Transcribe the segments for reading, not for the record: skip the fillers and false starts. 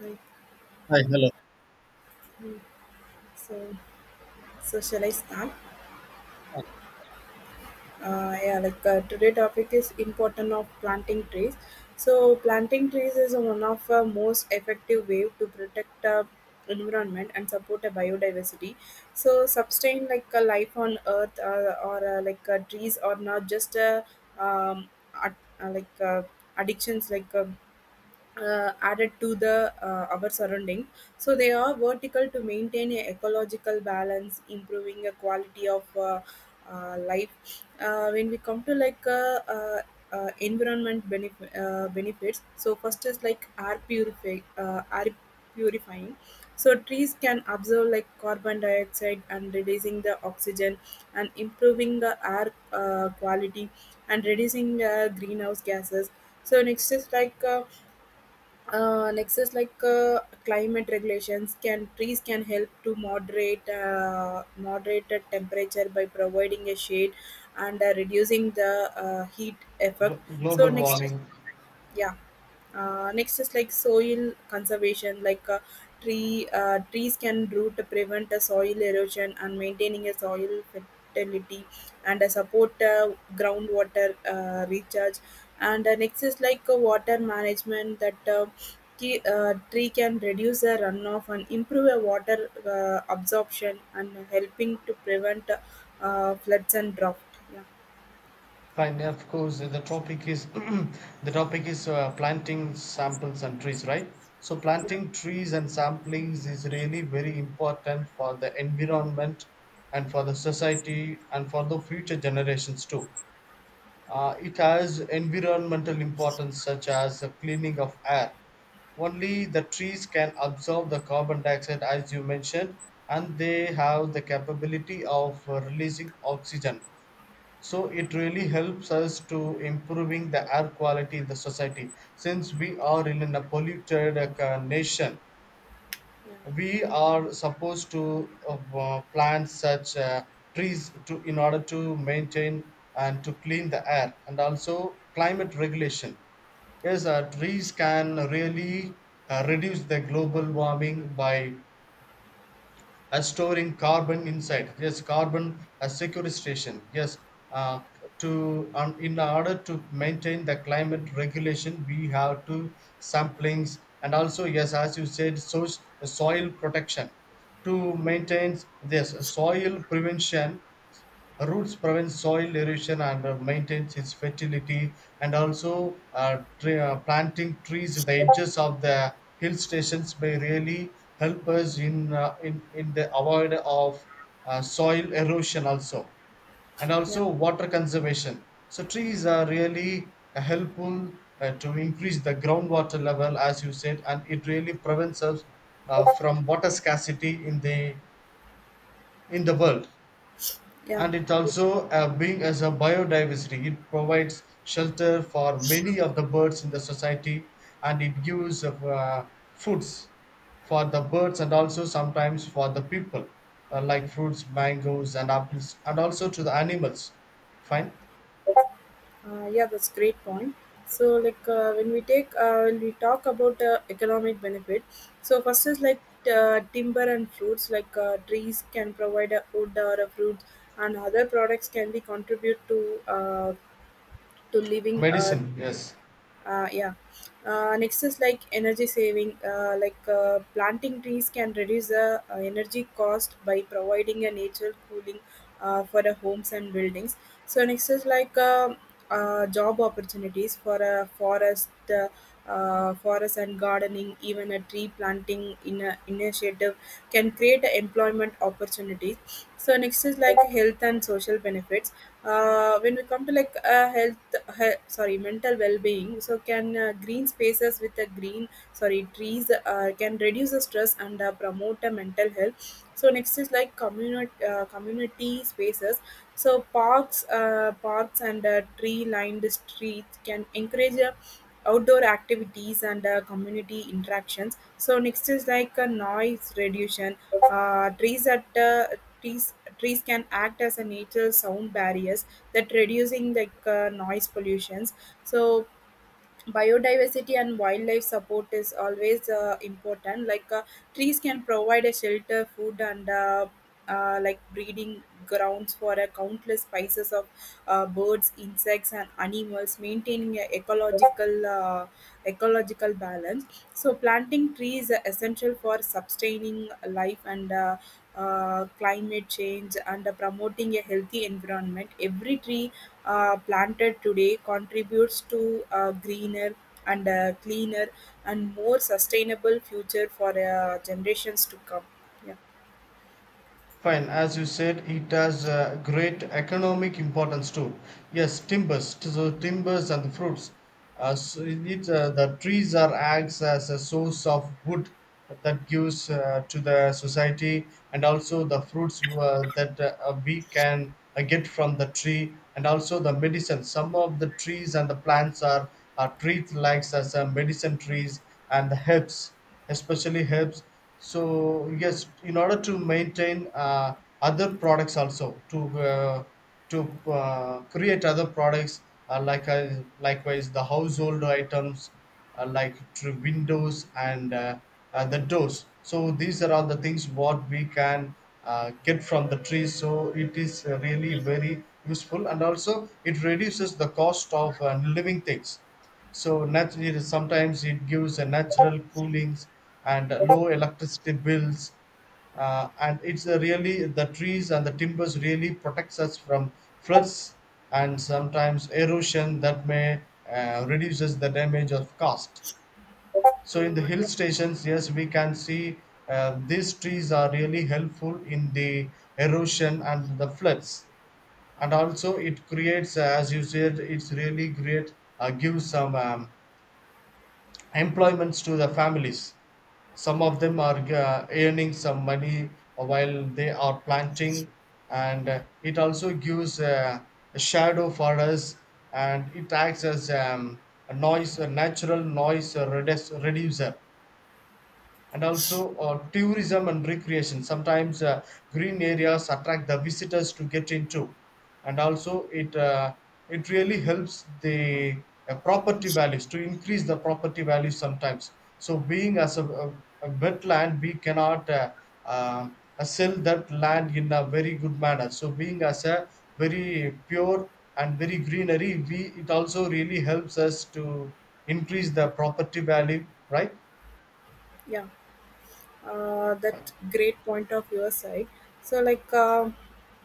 Right. Hi, hello. Mm. So, so shall I start? Today topic is important of planting trees. So planting trees is one of the most effective way to protect environment and support a biodiversity. So sustain like a life on earth or like trees are not just a um, ad- uh, like uh, addictions like. Added to the our surrounding, so they are vertical to maintain a ecological balance, improving a quality of life. When we come to like environment benefits, so first is like air purifying. So trees can absorb like carbon dioxide and reducing the oxygen and improving the air quality and reducing greenhouse gases. So next is like uh, next is like uh, climate regulations can trees can help to moderate moderate the temperature by providing a shade and reducing the heat effect. So Global next is warming. yeah. Next is like soil conservation, like trees can root to prevent a soil erosion and maintaining a soil fertility and support groundwater recharge. And next is like water management, that tree can reduce the runoff and improve a water absorption and helping to prevent floods and drought. Yeah, Fine, of course. The topic is the topic is planting samples and trees, right? So planting trees and samplings is really very important for the environment and for the society and for the future generations too. It has environmental importance such as the cleaning of air. Only the trees can absorb the carbon dioxide, as you mentioned, and they have the capability of releasing oxygen. So it really helps us to improving the air quality in the society. Since we are in a polluted nation, we are supposed to plant such trees to in order to maintain and to clean the air, and also climate regulation. Yes, trees can really reduce the global warming by as storing carbon inside. Yes, carbon as sequestration. Yes, uh, to in order to maintain the climate regulation, we have to samplings. And also, yes, as you said, so soil protection, to maintain this soil prevention. Roots prevent soil erosion and maintains its fertility. And also planting trees in the edges of the hill stations may really help us in in the avoid of soil erosion also. And yeah, also water conservation, so trees are really helpful to increase the groundwater level, as you said, and it really prevents us yeah, from water scarcity in the world. yeah. And it also a being as a biodiversity, it provides shelter for many of the birds in the society, and it gives foods for the birds and also sometimes for the people, like fruits, mangoes and apples, and also to the animals. Fine. Yeah, that's great point. So, like when we talk about economic benefit, so first is like timber and fruits, like trees can provide a wood or a fruit, and other products can be contribute to living. Medicine, yes. Yeah. Next is like energy saving, planting trees can reduce the energy cost by providing a natural cooling for the homes and buildings. So next is like job opportunities for a forest forest and gardening, even a tree planting in a initiative can create a employment opportunities. So next is like health and social benefits. When we come to like health, sorry, mental well-being. So can green spaces with a green, sorry, trees can reduce the stress and promote a mental health. So next is like community spaces. So parks, parks and tree-lined streets can encourage a outdoor activities and community interactions. So next is like a noise reduction. Trees at trees trees can act as a natural sound barriers that reducing like noise pollutions. So biodiversity and wildlife support is always important. Like trees can provide a shelter, food, and like breeding grounds for a countless species of birds, insects, and animals, maintaining a ecological balance. So planting trees are essential for sustaining life and climate change and promoting a healthy environment. Every tree planted today contributes to a greener and a cleaner and more sustainable future for generations to come. Yeah. Fine, as you said, it has a great economic importance too. Yes, timbers, so timbers and the fruits. So the trees are acts as a source of wood that gives to the society, and also the fruits that we can get from the tree, and also the medicine. Some of the trees and the plants are treated like as a medicine trees and the herbs especially helps. So yes, in order to maintain other products also to to create other products, like, likewise the household items, like to windows and the doors. So these are all the things what we can get from the trees. So it is really very useful, and also it reduces the cost of living things. So naturally, sometimes it gives a natural coolings and low electricity bills, and it's a really the trees and the timbers really protects us from floods and sometimes erosion that may reduces the damage of cost. So in the hill Yeah. stations, yes, we can see these trees are really helpful in the erosion and the floods, and also it creates, as you said, it's really great, gives some. Employments to the families. Some of them are earning some money while they are planting, and it also gives a shadow for us, and it acts as a noise, a natural reducer. And also tourism and recreation sometimes, green areas attract the visitors to get into, and also it it really helps the property values to increase the property values sometimes. So being as a, a wetland, we cannot uh, sell that land in a very good manner. So being as a very pure and very greenery, we it also really helps us to increase the property value, right? Yeah. That great point of your side. So like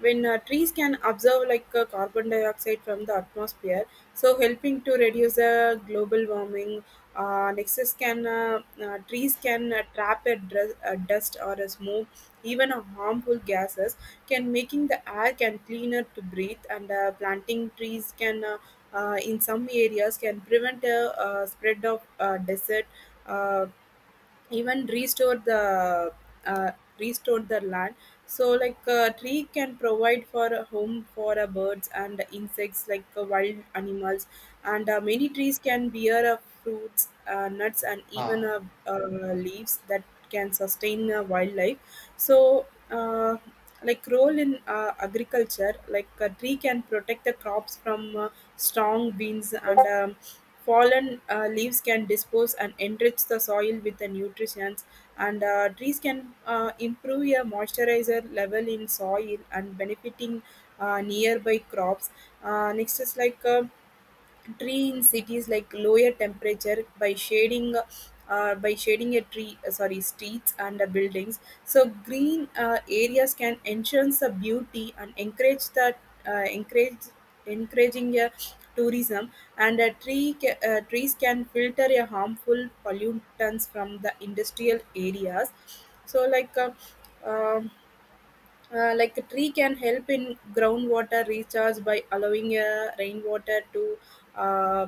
when trees can absorb like carbon dioxide from the atmosphere, so helping to reduce global warming. Next is can trees can a dust or a smoke, even a harmful gases, can making the air can cleaner to breathe. And planting trees can in some areas can prevent a spread of desert, uh, even restore the uh, land. So like a tree can provide for a home for a birds and insects, like wild animals. And many trees can bear fruits, nuts, and even Ah, uh, leaves that can sustain wildlife. So like role in agriculture, like a tree can protect the crops from strong winds, and fallen leaves can dispose and enrich the soil with the nutrients. And trees can improve a moisturizer level in soil and benefiting nearby crops. Next is like tree in cities like lower temperature by shading, by shading a tree sorry, streets and buildings. So green areas can enhance the beauty and encourage the uh, encourage encouraging a tourism. And a trees can filter a harmful pollutants from the industrial areas. So um like a tree can help in groundwater recharge by allowing rainwater uh,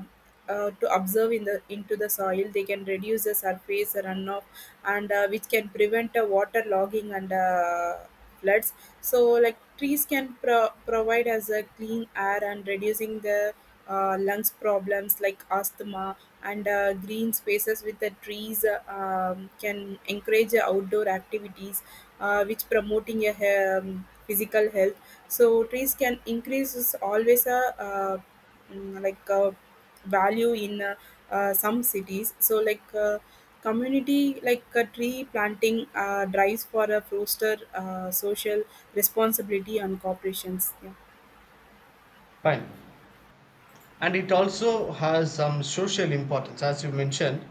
to absorb in the into the soil. They can reduce the surface runoff, and which can prevent water logging and floods. So, like trees can provide as a clean air and reducing the lungs problems like asthma. And green spaces with the trees can encourage outdoor activities, which promoting a physical health. So trees can increase is always a uh, like a value in some cities. So like community, like tree planting drives for a foster social responsibility and corporations. Yeah, fine. And it also has some social importance, as you mentioned,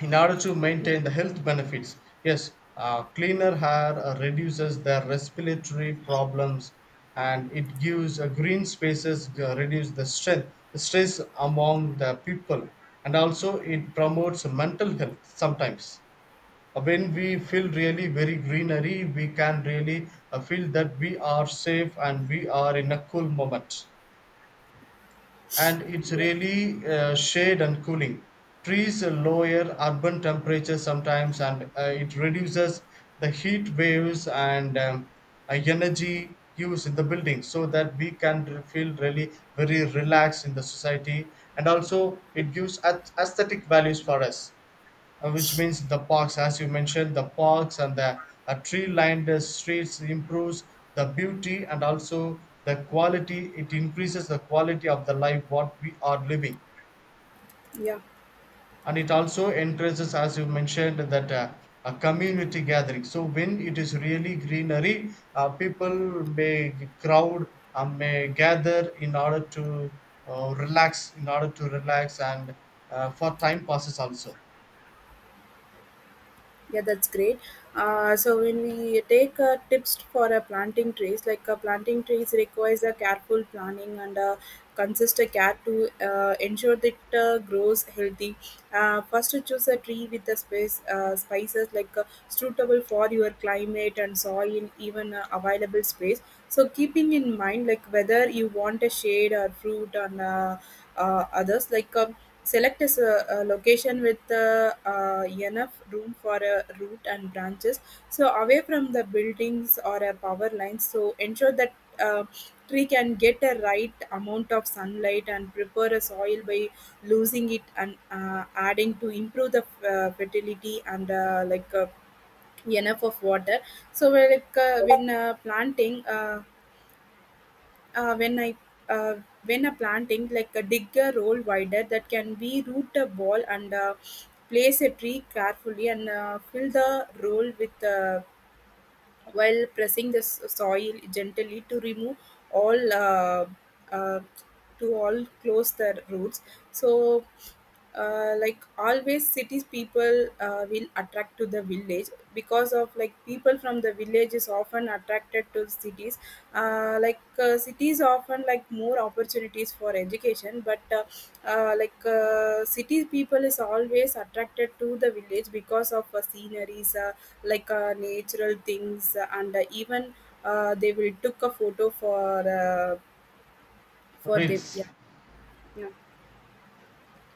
in order to maintain the health benefits. Yes, cleaner air reduces the respiratory problems, and it gives green spaces reduce the strength stress among the people, and also it promotes mental health sometimes. When we feel really very greenery, we can really feel that we are safe and we are in a cool moment, and it's yeah, really shade and cooling. Trees lower urban temperatures sometimes, and it reduces the heat waves and energy use in the building, so that we can feel really very relaxed in the society, and also it gives aesthetic values for us, which means the parks, as you mentioned, the parks and the tree-lined streets improves the beauty and also the quality. It increases the quality of the life what we are living, yeah. and it also encourages, as you mentioned, that a community gathering. So when it is really greenery, people crowd, may gather in order to relax, in order to relax, and for time passes also. Yeah, that's great. So when we take tips for planting trees, like planting trees requires a careful planning and consistent care to ensure that it grows healthy. First, to choose a tree with the space spices like suitable for your climate and soil, in even available space. So keeping in mind like whether you want a shade or fruit on others, like select a, a location with enough room for a root and branches. So away from the buildings or a power lines. So ensure that uh, tree can get a right amount of sunlight and prepare a soil by losing it and adding to improve the fertility and like. Enough of water. So we're like when planting when I uh, when a planting, like a dig a roll wider that can be root a ball, and place a tree carefully and fill the roll with while pressing the soil gently to remove all uh, to all close their roots. So like always cities people will attract to the village, because of like people from the village is often attracted to cities, like cities often like more opportunities for education. But like city people is always attracted to the village because of sceneries, like natural things, and even they will took a photo for the Reels. yeah yeah.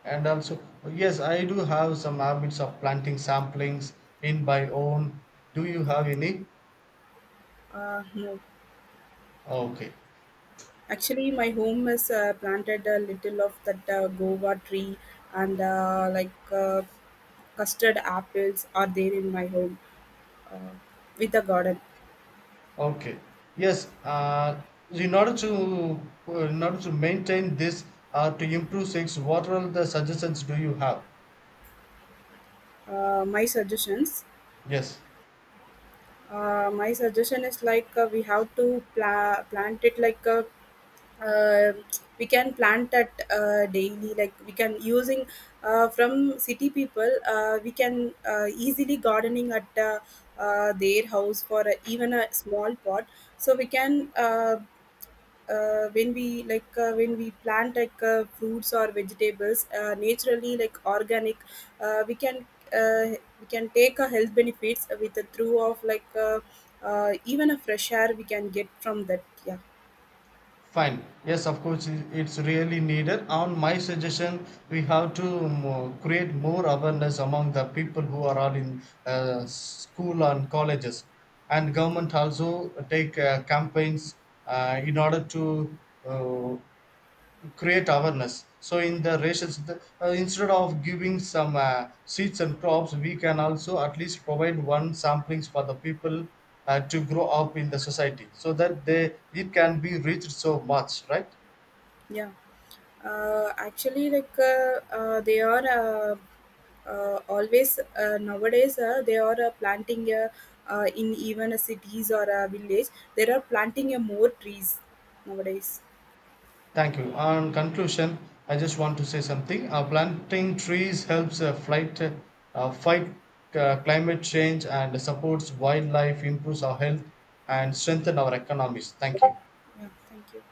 And also, yes, I do have some habits of planting samplings in my own. Do you have any? No. Okay, Actually my home is planted a little of that guava tree, and like custard apples are there in my home with a garden. okay. Yes, in order to maintain this or to improve sex, what are the suggestions do you have? My suggestions. Yes. My suggestion is like we have to plant it like uh, we can plant that daily, like we can using from city people, we can easily gardening at their house for even a small pot. So we can when we like when we plant like fruits or vegetables, naturally like organic, uh, we can we can take a health benefits with the through of like even a fresh air we can get from that. Yeah. Fine. Yes, of course, it's really needed. On my suggestion, we have to create more awareness among the people who are all in school and colleges, and government also take campaigns in order to uh, create awareness. So in the rations, instead of giving some seeds and crops, we can also at least provide one samplings for the people to grow up in the society, so that they it can be reached so much, right? Yeah. Actually like they are always, nowadays they are planting in even a cities or a village, they are planting more trees nowadays. Thank you. On conclusion, I just want to say something. Planting trees helps fight climate change and supports wildlife, improves our health, and strengthen our economies. Thank you. Yeah, thank you.